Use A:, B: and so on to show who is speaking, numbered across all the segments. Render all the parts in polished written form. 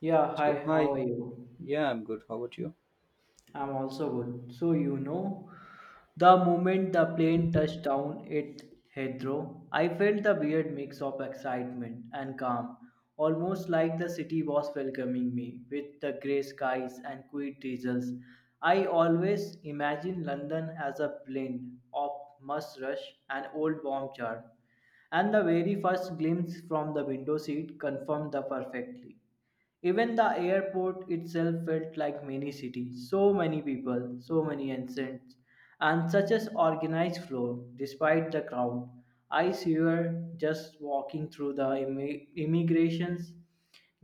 A: Yeah,
B: So
A: hi, how are
B: hi,
A: you?
B: yeah, I'm good. How about you?
A: I'm also good. The moment the plane touched down at Heathrow, I felt the weird mix of excitement and calm, almost like the city was welcoming me with the grey skies and quiet drizzles. I always imagine London as a blend of must rush and old warm charm, and the very first glimpse from the window seat confirmed the perfectly. Even the airport itself felt like mini city. So many people, so many entrants, and such as organized flow. Despite the crowd, I swear, just walking through the immigrations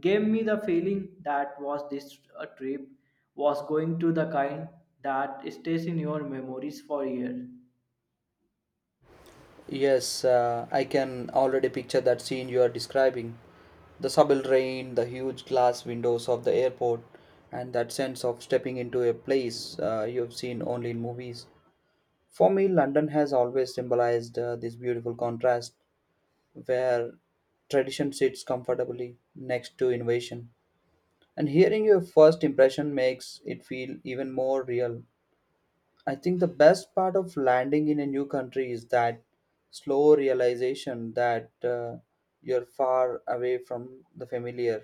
A: gave me the feeling that was this trip was going to the kind that stays in your memories for years.
B: Yes, I can already picture that scene you are describing. The subterranean, the huge glass windows of the airport, and that sense of stepping into a place you have seen only in movies. For me, London has always symbolized this beautiful contrast where tradition sits comfortably next to innovation. And hearing your first impression makes it feel even more real. I think the best part of landing in a new country is that slow realization that you're far away from the familiar,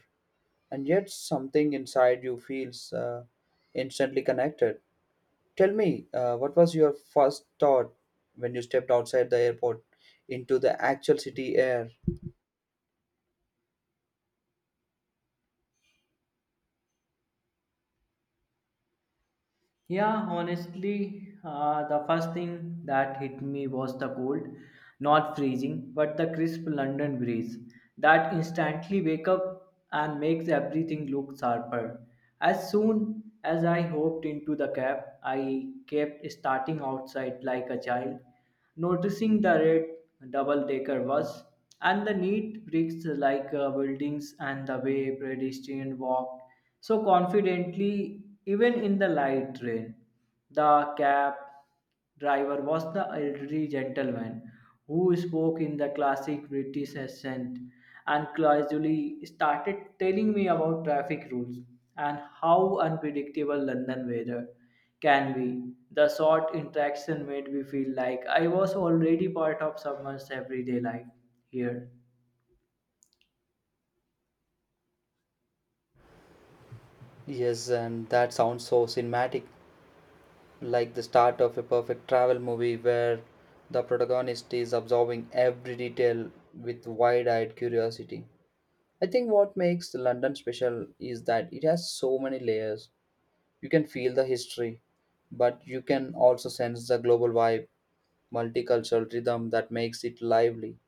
B: and yet something inside you feels instantly connected. Tell me, what was your first thought when you stepped outside the airport into the actual city air?
A: Yeah, honestly, the first thing that hit me was the cold, not freezing, but the crisp London breeze that instantly wake up and makes everything look sharper. As soon as I hopped into the cab, I kept starting outside like a child, noticing the red double-decker bus and the neat bricks like buildings and the way pedestrian walked so confidently, even in the light rain. The cab driver was the elderly gentleman who spoke in the classic British accent and casually started telling me about traffic rules and how unpredictable London weather can be. The short interaction made me feel like I was already part of someone's everyday life here.
B: Yes, and that sounds so cinematic, like the start of a perfect travel movie where the protagonist is absorbing every detail with wide eyed curiosity. I think what makes London special is that it has so many layers. You can feel the history, but you can also sense the global vibe, multicultural rhythm that makes it lively.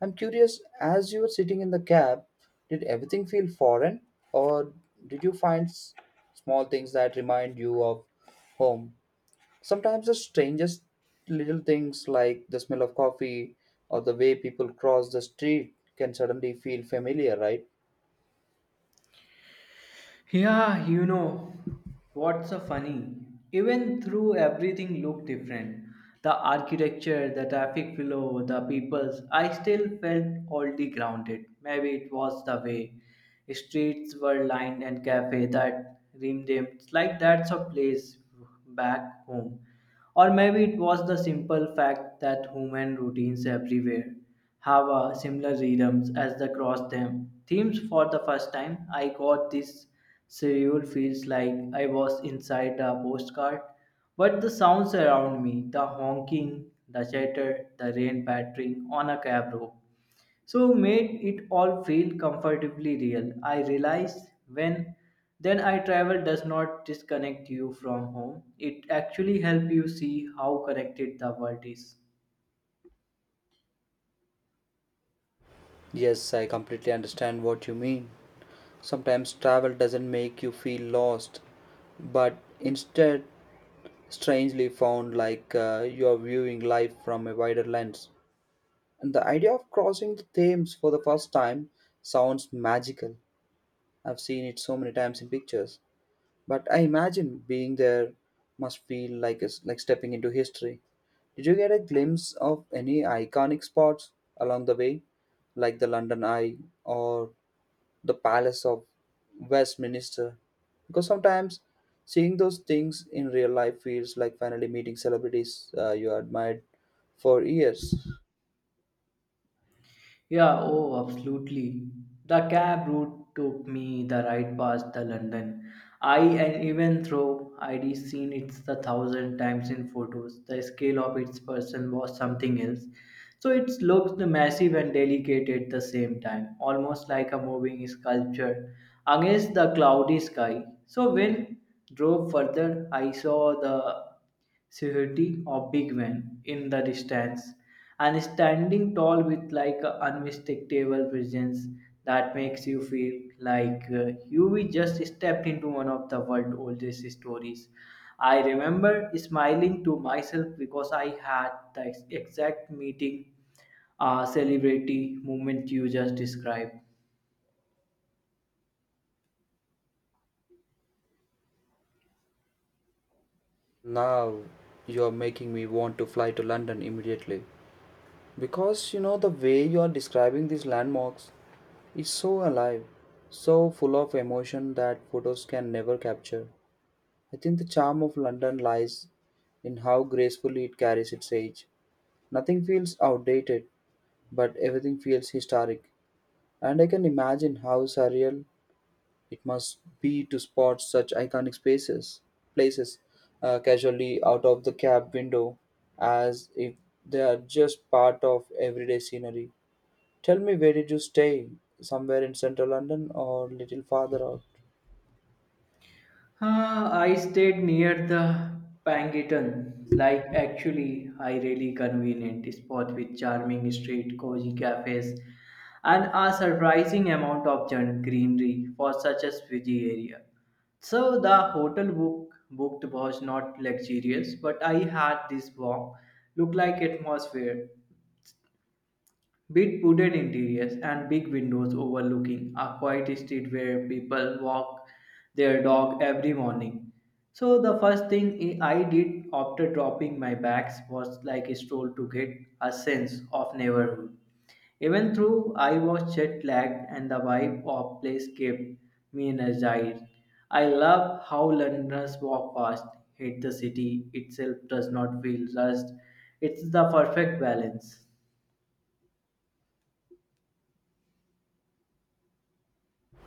B: I'm curious, as you were sitting in the cab, did everything feel foreign or did you small things that remind you of home? Sometimes the strangest little things like the smell of coffee or the way people cross the street can suddenly feel familiar, right?
A: Yeah, you know, what's so funny? Even through everything looked different. The architecture, the traffic flow, the peoples, I still felt oddly grounded. Maybe it was the way streets were lined and cafe that rimmed in. Like that's a place back home. Or maybe it was the simple fact that human routines everywhere have a similar rhythms as the cross them themes for the first time. I got this surreal feels like I was inside a postcard, but the sounds around me, the honking, the chatter, the rain pattering on a cab rope, so made it all feel comfortably real. I realized when then I travel does not disconnect you from home, it actually help you see how connected the world is.
B: Yes, I completely understand what you mean. Sometimes travel doesn't make you feel lost, but instead, strangely found, like you are viewing life from a wider lens. And the idea of crossing the Thames for the first time sounds magical. I've seen it so many times in pictures, but I imagine being there must feel like like stepping into history. Did you get a glimpse of any iconic spots along the way, like the London Eye or the Palace of Westminster? Because sometimes seeing those things in real life feels like finally meeting celebrities you admired for years.
A: Yeah, oh, absolutely. The cab route took me the right past the London. I and even though I'd seen it a thousand times in photos, the scale of its person was something else. So it looked massive and delicate at the same time, almost like a moving sculpture against the cloudy sky. So when drove further, I saw the Suheti or Big Van in the distance and standing tall with like a unmistakable presence that makes you feel like you we just stepped into one of the world's oldest stories. I remember smiling to myself because I had the exact meeting celebrity moment you just described.
B: Now you are making me want to fly to London immediately, because you know the way you are describing these landmarks is so alive, so full of emotion that photos can never capture. I think the charm of London lies in how gracefully it carries its age. Nothing feels outdated, but everything feels historic. And I can imagine how surreal it must be to spot such places casually out of the cab window as if they are just part of everyday scenery. Tell me, where did you stay? Somewhere in central London or little farther out?
A: Huh, I stayed near the Pangitan, like actually a really convenient spot with charming street, cozy cafes, and a surprising amount of greenery for such a busy area. So the hotel booked was not luxurious, but I had this warm, look like atmosphere. Big wooden interiors and big windows overlooking a quiet street where people walk their dog every morning. So the first thing I did after dropping my bags was like a stroll to get a sense of neighborhood. Even though I was jet lagged and the vibe of place kept me energized, I love how Londoners walk fast, hate the city itself does not feel rushed. It's the perfect balance.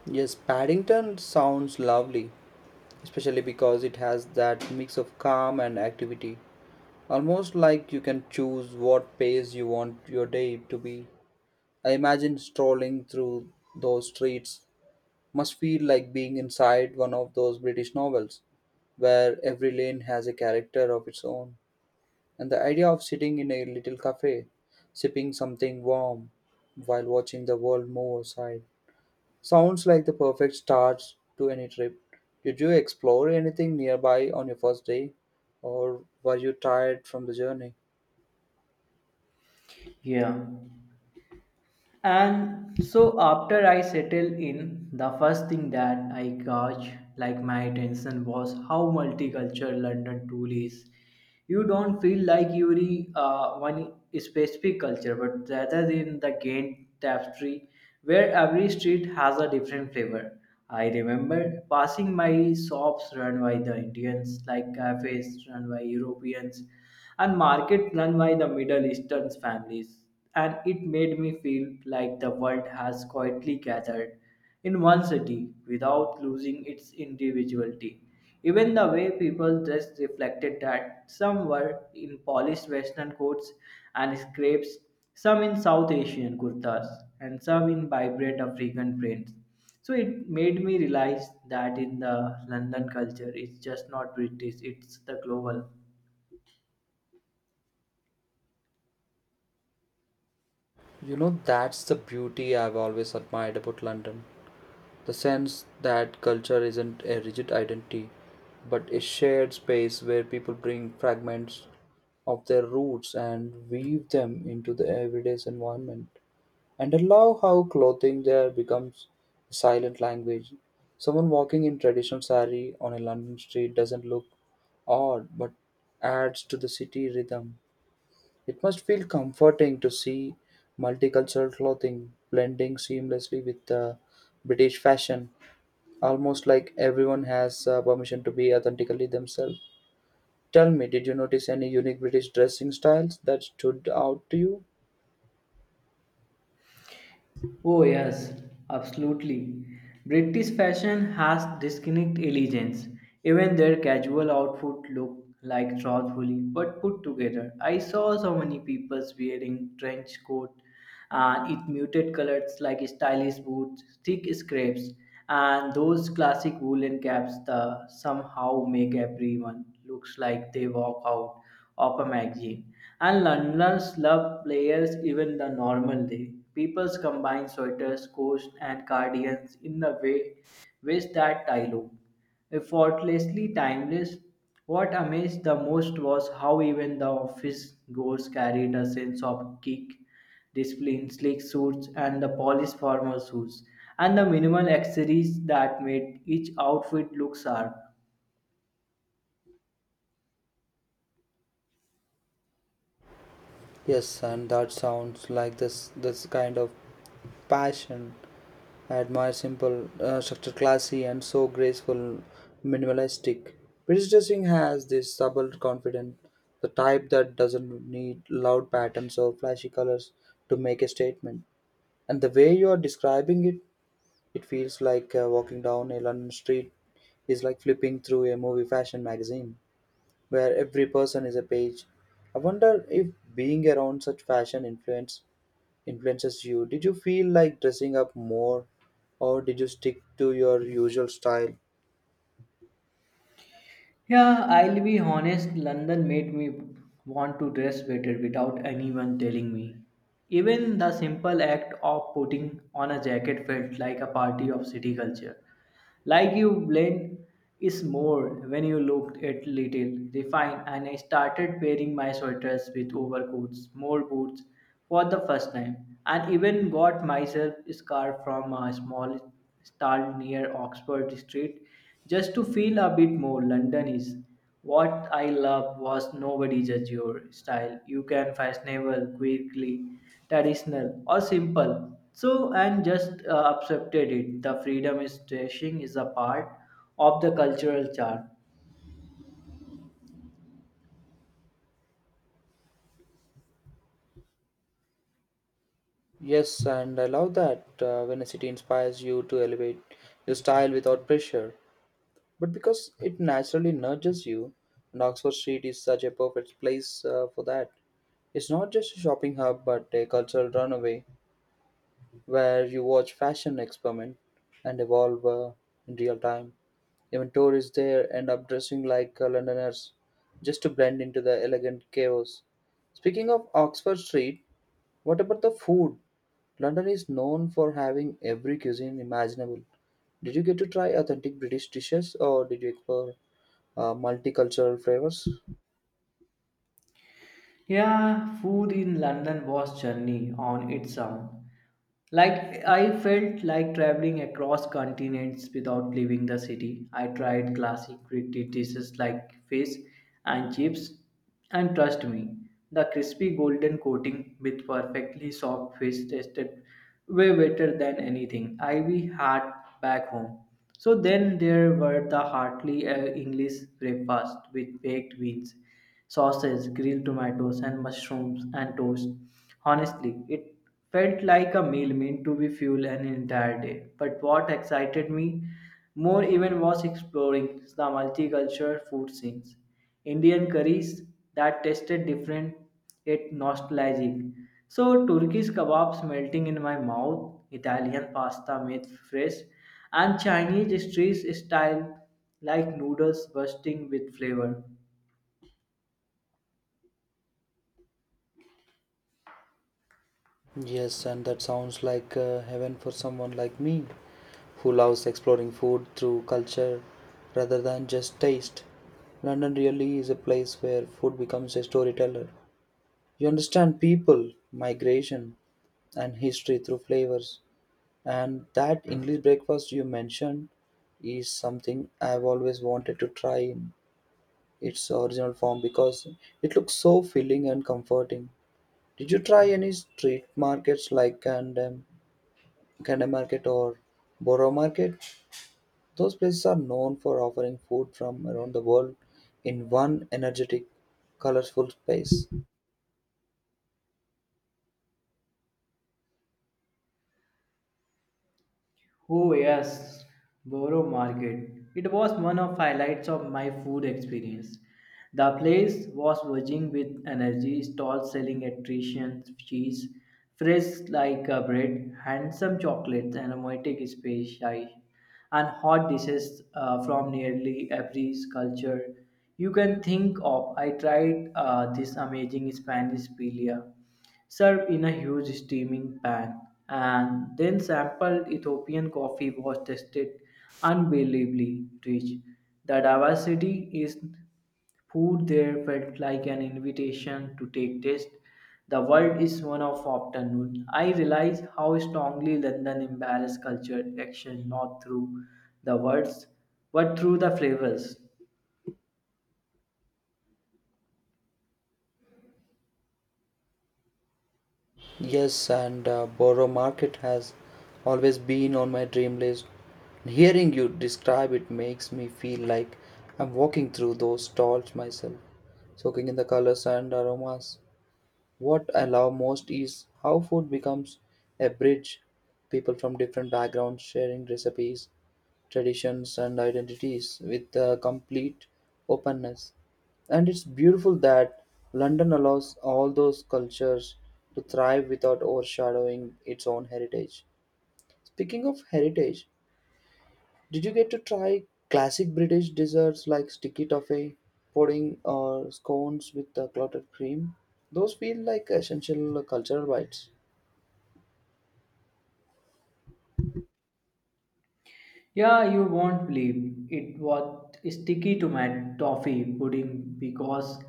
B: Yes, Paddington sounds lovely, especially because it has that mix of calm and activity. Almost like you can choose what pace you want your day to be. I imagine strolling through those streets must feel like being inside one of those British novels where every lane has a character of its own. And the idea of sitting in a little cafe, sipping something warm while watching the world move outside, sounds like the perfect start to any trip. Did you explore anything nearby on your first day, or were you tired from the journey?
A: Yeah. And so after I settled in, the first thing that I got like my attention was how multicultural London truly is. You don't feel like you're one specific culture, but rather in the gained tapestry where every street has a different flavor. I remember passing my shops run by the Indians, like cafes run by Europeans, and market run by the Middle Eastern families and it made me feel like the world has quietly gathered in one city without losing its individuality. Even the way people dressed reflected that some were in polished western coats and scrapes, some in South Asian kurtas, and some in vibrant African prints. So it made me realize that in the London culture, it's just not British, it's the global.
B: You know, that's the beauty I've always admired about London. The sense that culture isn't a rigid identity, but a shared space where people bring fragments of their roots and weave them into the everyday's environment. And I love how clothing there becomes a silent language. Someone walking in traditional saree on a London street doesn't look odd but adds to the city rhythm. It must feel comforting to see multicultural clothing blending seamlessly with British fashion, almost like everyone has permission to be authentically themselves. Tell me, did you notice any unique British dressing styles that stood out to you?
A: Oh, yes, absolutely. British fashion has distinct elegance. Even their casual outfit look like thoughtfully but put together. I saw so many people wearing trench coat and it muted colors like stylish boots, thick scrapes, and those classic woolen caps that somehow make everyone looks like they walk out of a magazine. And Londoners love players even the normal day. People combine sweaters, coats, and cardigans in a way with that dialogue. Effortlessly timeless, what amazed the most was how even the office goers carried a sense of kick, discipline, sleek suits, and the polished formal suits, and the minimal accessories that made each outfit look sharp.
B: Yes, and that sounds like this kind of passion. I admire simple structure, classy, and so graceful, minimalistic. British dressing has this subtle confidence, the type that doesn't need loud patterns or flashy colors to make a statement. And the way you are describing it, it feels like walking down a London street is like flipping through a movie fashion magazine where every person is a page. I wonder if being around such fashion influence influences you. Did you feel like dressing up more or did you stick to your usual style?
A: Yeah, I'll be honest, London made me want to dress better without anyone telling me. Even the simple act of putting on a jacket felt like a party of city culture. Like you blend is more when you looked at little refined and I started pairing my sweaters with overcoats, more boots for the first time and even got myself a scarf from a small stall near Oxford Street just to feel a bit more Londonish. What I love was nobody judge your style. You can fashionable quickly traditional or simple so and just accepted it the freedom is trashing is a part of the cultural chart.
B: Yes, and I love that when a city inspires you to elevate your style without pressure, but because it naturally nurtures you, and Oxford Street is such a perfect place for that. It's not just a shopping hub, but a cultural runaway where you watch fashion experiment and evolve in real time. Even tourists there end up dressing like Londoners just to blend into the elegant chaos. Speaking of Oxford Street, what about the food? London is known for having every cuisine imaginable. Did you get to try authentic British dishes or did you explore multicultural flavors?
A: Yeah, food in London was journey on its own. Like I felt like traveling across continents without leaving the city. I tried classic British dishes like fish and chips, and trust me, the crispy golden coating with perfectly soft fish tasted way better than anything I we had back home. So then there were the heartily English breakfast with baked beans sausage, grilled tomatoes, and mushrooms and toast. Honestly, it felt like a meal meant to be fuel an entire day. But what excited me more even was exploring the multicultural food scenes. Indian curries that tasted different yet nostalgic. So Turkish kebabs melting in my mouth, Italian pasta made fresh, and Chinese street style like noodles bursting with flavor.
B: Yes, and that sounds like heaven for someone like me who loves exploring food through culture rather than just taste. London really is a place where food becomes a storyteller. You understand people, migration, and history through flavors. And that English breakfast you mentioned is something I've always wanted to try in its original form because it looks so filling and comforting. Did you try any street markets like and Canada Market or Borough Market? Those places are known for offering food from around the world in one energetic, colorful space.
A: Oh yes, Borough Market. It was one of highlights of my food experience. The place was buzzing with energy, stalls selling nutritious cheese, fresh like a bread, handsome chocolates, aromatic spices, and hot dishes from nearly every culture you can think of. I tried this amazing Spanish paella served in a huge steaming pan, and then sampled Ethiopian coffee was tasted unbelievably rich. The diversity is food there felt like an invitation to take taste. The world is one of afternoon. I realize how strongly London embarrassed culture action not through the words, but through the flavors.
B: Yes, and Borough Market has always been on my dream list. Hearing you describe it makes me feel like I'm walking through those stalls myself, soaking in the colors and aromas. What I love most is how food becomes a bridge, people from different backgrounds sharing recipes, traditions, and identities with a complete openness. And it's beautiful that London allows all those cultures to thrive without overshadowing its own heritage. Speaking of heritage, did you get to try classic British desserts like sticky toffee pudding, or scones with the clotted cream? Those feel like essential cultural bites.
A: Yeah, you won't believe it was sticky to my toffee pudding because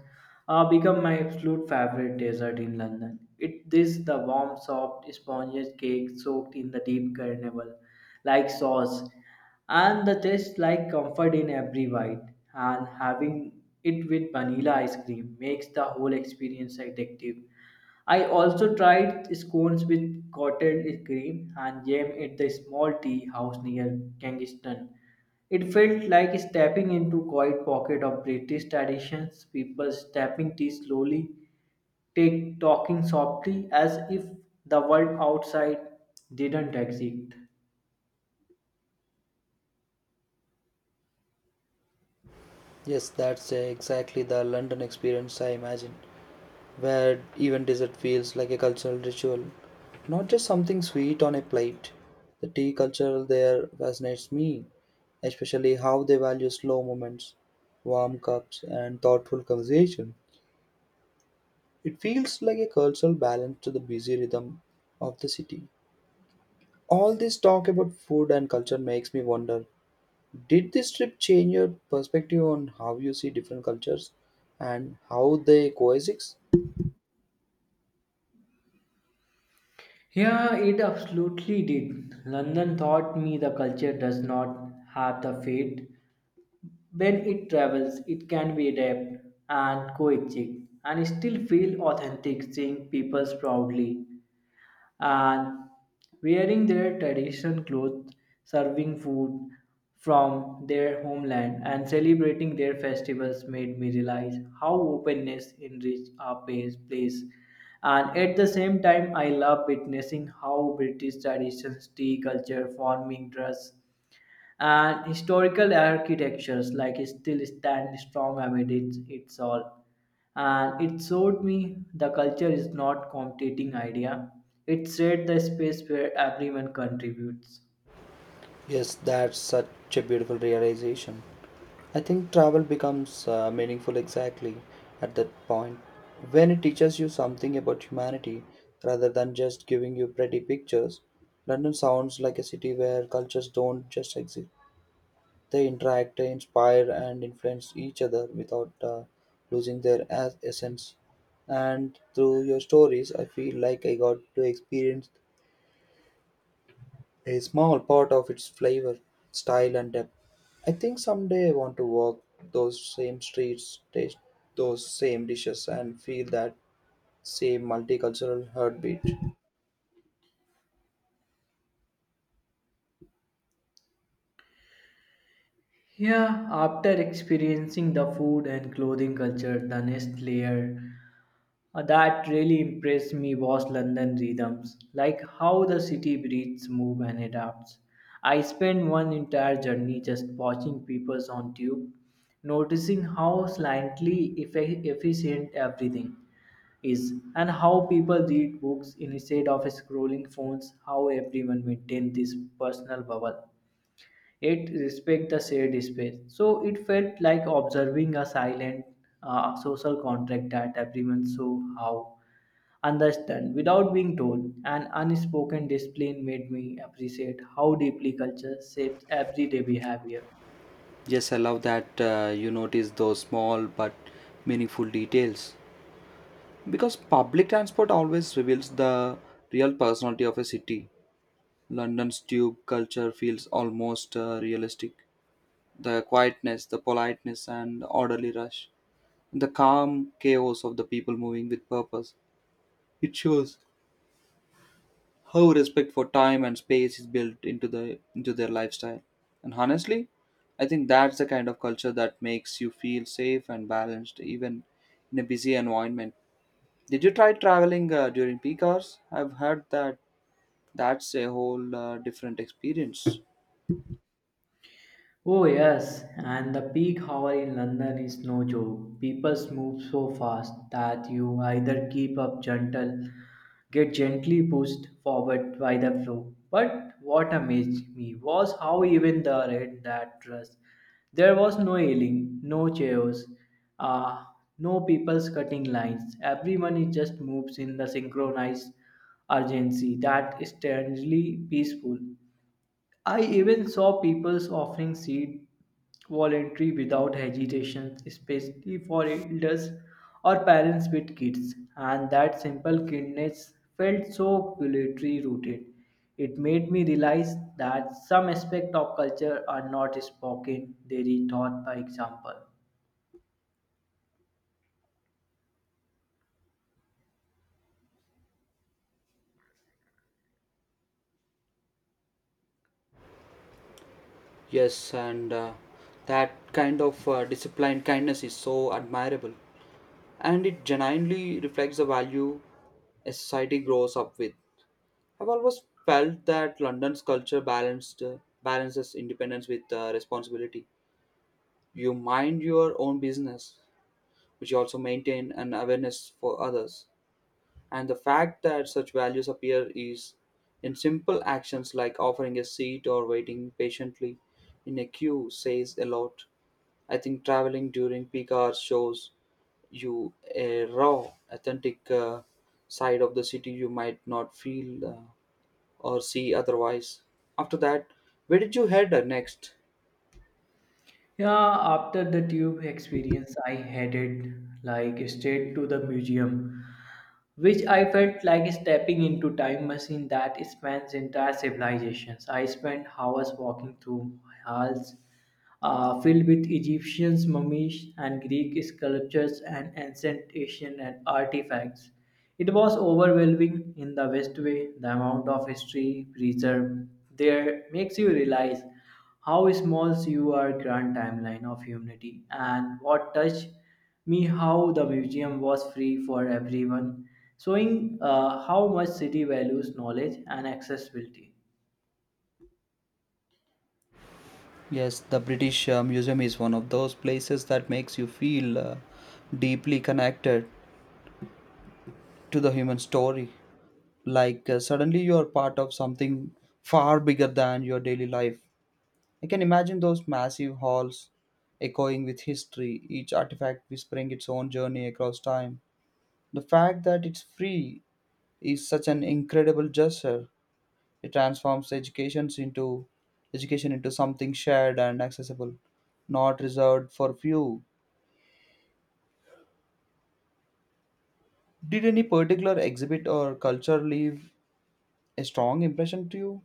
A: become my absolute favorite dessert in London. It is the warm, soft, spongy cake soaked in the deep caramel like sauce, and the taste like comfort in every bite. And having it with vanilla ice cream makes the whole experience addictive. I also tried scones with cottage cream and jam at the small tea house near Kingston. It felt like stepping into quiet pocket of British traditions, people tapping tea slowly, take talking softly as if the world outside didn't exist.
B: Yes, that's exactly the London experience I imagine, where even dessert feels like a cultural ritual, not just something sweet on a plate. The tea culture there fascinates me, especially how they value slow moments, warm cups, and thoughtful conversation. It feels like a cultural balance to the busy rhythm of the city. All this talk about food and culture makes me wonder, did this trip change your perspective on how you see different cultures and how they coexist?
A: Yeah, it absolutely did. London taught me the culture does not have the fate. When it travels, it can be adapted and coexist and still feel authentic seeing people proudly and wearing their traditional clothes, serving food from their homeland and celebrating their festivals made me realize how openness enriches our place. And at the same time, I love witnessing how British traditions, tea culture, farming, dress, and historical architectures like still stand strong amid its all and it showed me the culture is not competing idea, it said the space where everyone contributes.
B: Yes, that's such a beautiful realization. I think travel becomes meaningful exactly at that point when it teaches you something about humanity rather than just giving you pretty pictures. London sounds like a city where cultures don't just exist, they interact, they inspire, and influence each other without losing their essence. And through your stories, I feel like I got to experience a small part of its flavor, style, and depth. I think someday I want to walk those same streets, taste those same dishes, and feel that same multicultural heartbeat.
A: Yeah, after experiencing the food and clothing culture, the next layer that really impressed me was London rhythms, like how the city breathes, move, and adapts. I spent one entire journey just watching people on tube, noticing how slightly efficient everything is, and how people read books instead of scrolling phones, how everyone maintains this personal bubble it respect the shared space. So it felt like observing a silent social contract that everyone saw how understand without being told. An unspoken discipline made me appreciate how deeply culture shapes everyday behavior.
B: Yes, I love that you notice those small but meaningful details, because public transport always reveals the real personality of a city. London's tube culture feels almost realistic. The quietness, the politeness, and orderly rush, the calm chaos of the people moving with purpose. It shows how respect for time and space is built into their lifestyle. And honestly, I think that's the kind of culture that makes you feel safe and balanced even in a busy environment. Did you try traveling during peak hours? I've heard that that's a whole different experience.
A: Oh, yes, and the peak hour in London is no joke. People move so fast that you either keep up gentle, get gently pushed forward by the flow. But what amazed me was how even the red that rush. There was no yelling, no chaos, uh, no people's cutting lines. Everyone is just moves in the synchronized urgency that is strangely peaceful. I even saw people offering seats voluntary without hesitation, especially for elders or parents with kids. And that simple kindness felt so culturally rooted. It made me realize that some aspects of culture are not spoken, they are taught by example.
B: Yes, and that kind of disciplined kindness is so admirable, and it genuinely reflects the value a society grows up with. I've always felt that London's culture balanced balances independence with responsibility. You mind your own business, but you also maintain an awareness for others. And the fact that such values appear is in simple actions like offering a seat or waiting patiently in a queue says a lot. I think traveling during peak hours shows you a raw, authentic side of the city you might not feel or see otherwise. After that, where did you head next?
A: Yeah, after the tube experience, I headed like straight to the museum, which I felt like stepping into time machine that spans entire civilizations. I spent hours walking through halls filled with Egyptians, mummies, and Greek sculptures and ancient Asian and artifacts. It was overwhelming in the best way. The amount of history preserved there makes you realize how small you are grand timeline of humanity and what touched me how the museum was free for everyone showing how much city values knowledge and accessibility.
B: Yes, the British Museum is one of those places that makes you feel deeply connected to the human story. Like suddenly you are part of something far bigger than your daily life. I can imagine those massive halls echoing with history, each artifact whispering its own journey across time. The fact that it's free is such an incredible gesture. It transforms education into something shared and accessible, not reserved for few. Did any particular exhibit or culture leave a strong impression to you?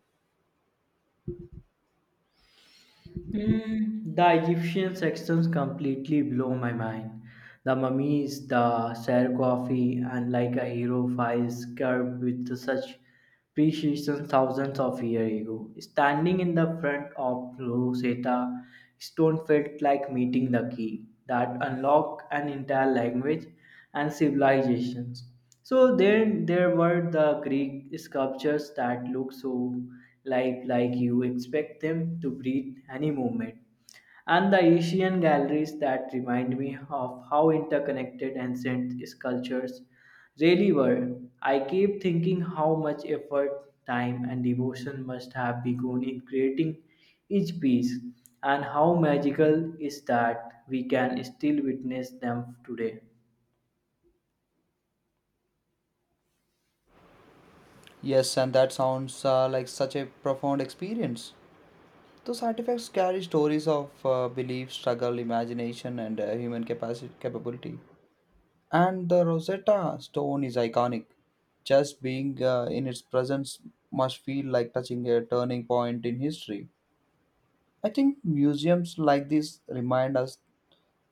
A: Mm, the Egyptian sections completely blow my mind. The mummies, the sarcophagi, and like a hero files carved with such precision thousands of years ago. Standing in the front of Rosetta Stone felt like meeting the key that unlocked an entire language and civilizations. So then there were the Greek sculptures that look so life like you expect them to breathe any moment. And the Asian galleries that remind me of how interconnected ancient sculptures really were. I keep thinking how much effort, time, and devotion must have been gone in creating each piece, and how magical is that we can still witness them today.
B: Yes, and that sounds like such a profound experience. Those artifacts carry stories of belief, struggle, imagination, and human capacity capability. And the Rosetta Stone is iconic. Just being in its presence must feel like touching a turning point in history. I think museums like this remind us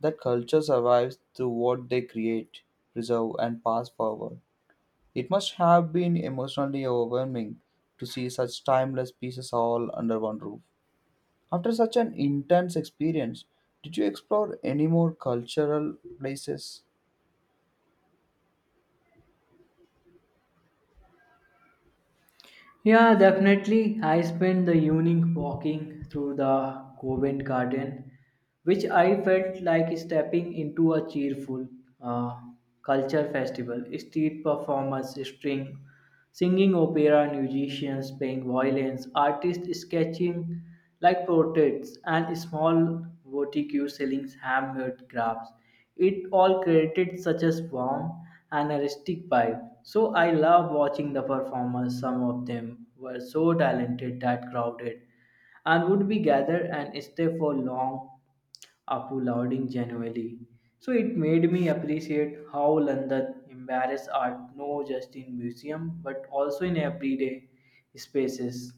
B: that culture survives through what they create, preserve, and pass forward. It must have been emotionally overwhelming to see such timeless pieces all under one roof. After such an intense experience, did you explore any more cultural places?
A: Yeah, definitely. I spent the evening walking through the Covent Garden, which I felt like stepping into a cheerful uh, culture festival. Street performers, string, singing opera, musicians playing violins, artists sketching like portraits, and small boutiques selling handmade crafts. It all created such a warm and artistic vibe. So I love watching the performers. Some of them were so talented that crowded and would be gathered and stay for long applauding genuinely. So it made me appreciate how London embraces art not just in museum but also in everyday spaces.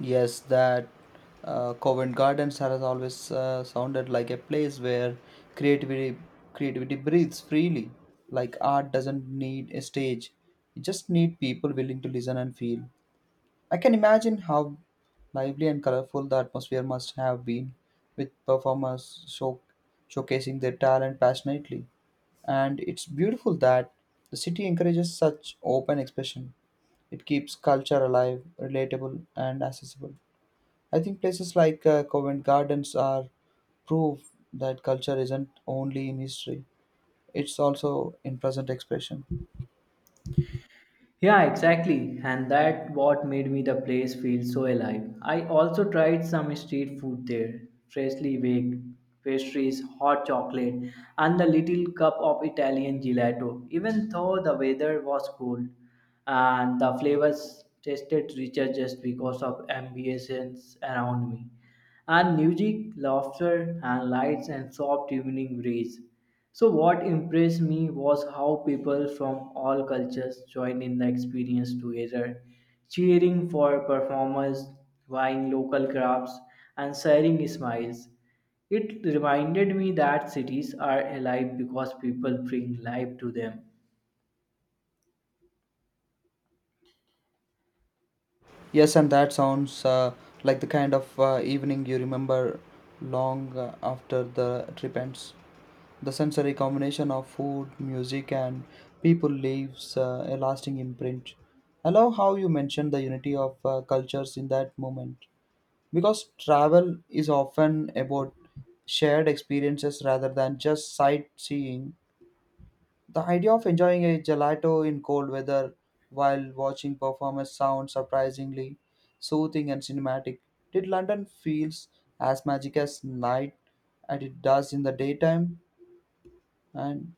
B: Yes, that Covent Gardens has always sounded like a place where creativity creativity breathes freely. Like art doesn't need a stage; it just need people willing to listen and feel. I can imagine how lively and colorful the atmosphere must have been, with performers showcasing their talent passionately. And it's beautiful that the city encourages such open expression. It keeps culture alive, relatable, and accessible. I think places like Covent Gardens are proof that culture isn't only in history, it's also in present expression.
A: Yeah, exactly. And that what made me the place feel so alive. I also tried some street food there, freshly baked pastries, hot chocolate, and the little cup of Italian gelato. Even though the weather was cold and the flavors tasted richer just because of ambience around me and music, laughter, and lights and soft evening breeze. So, what impressed me was how people from all cultures joined in the experience together, cheering for performers, buying local crafts, and sharing smiles. It reminded me that cities are alive because people bring life to them.
B: Yes, and that sounds like the kind of evening you remember long after the trip ends. The sensory combination of food, music, and people leaves a lasting imprint. I love how you mentioned the unity of cultures in that moment, because travel is often about shared experiences rather than just sightseeing. The idea of enjoying a gelato in cold weather while watching performance sounds surprisingly soothing and cinematic. Did London feels as magic as night and it does in the daytime? And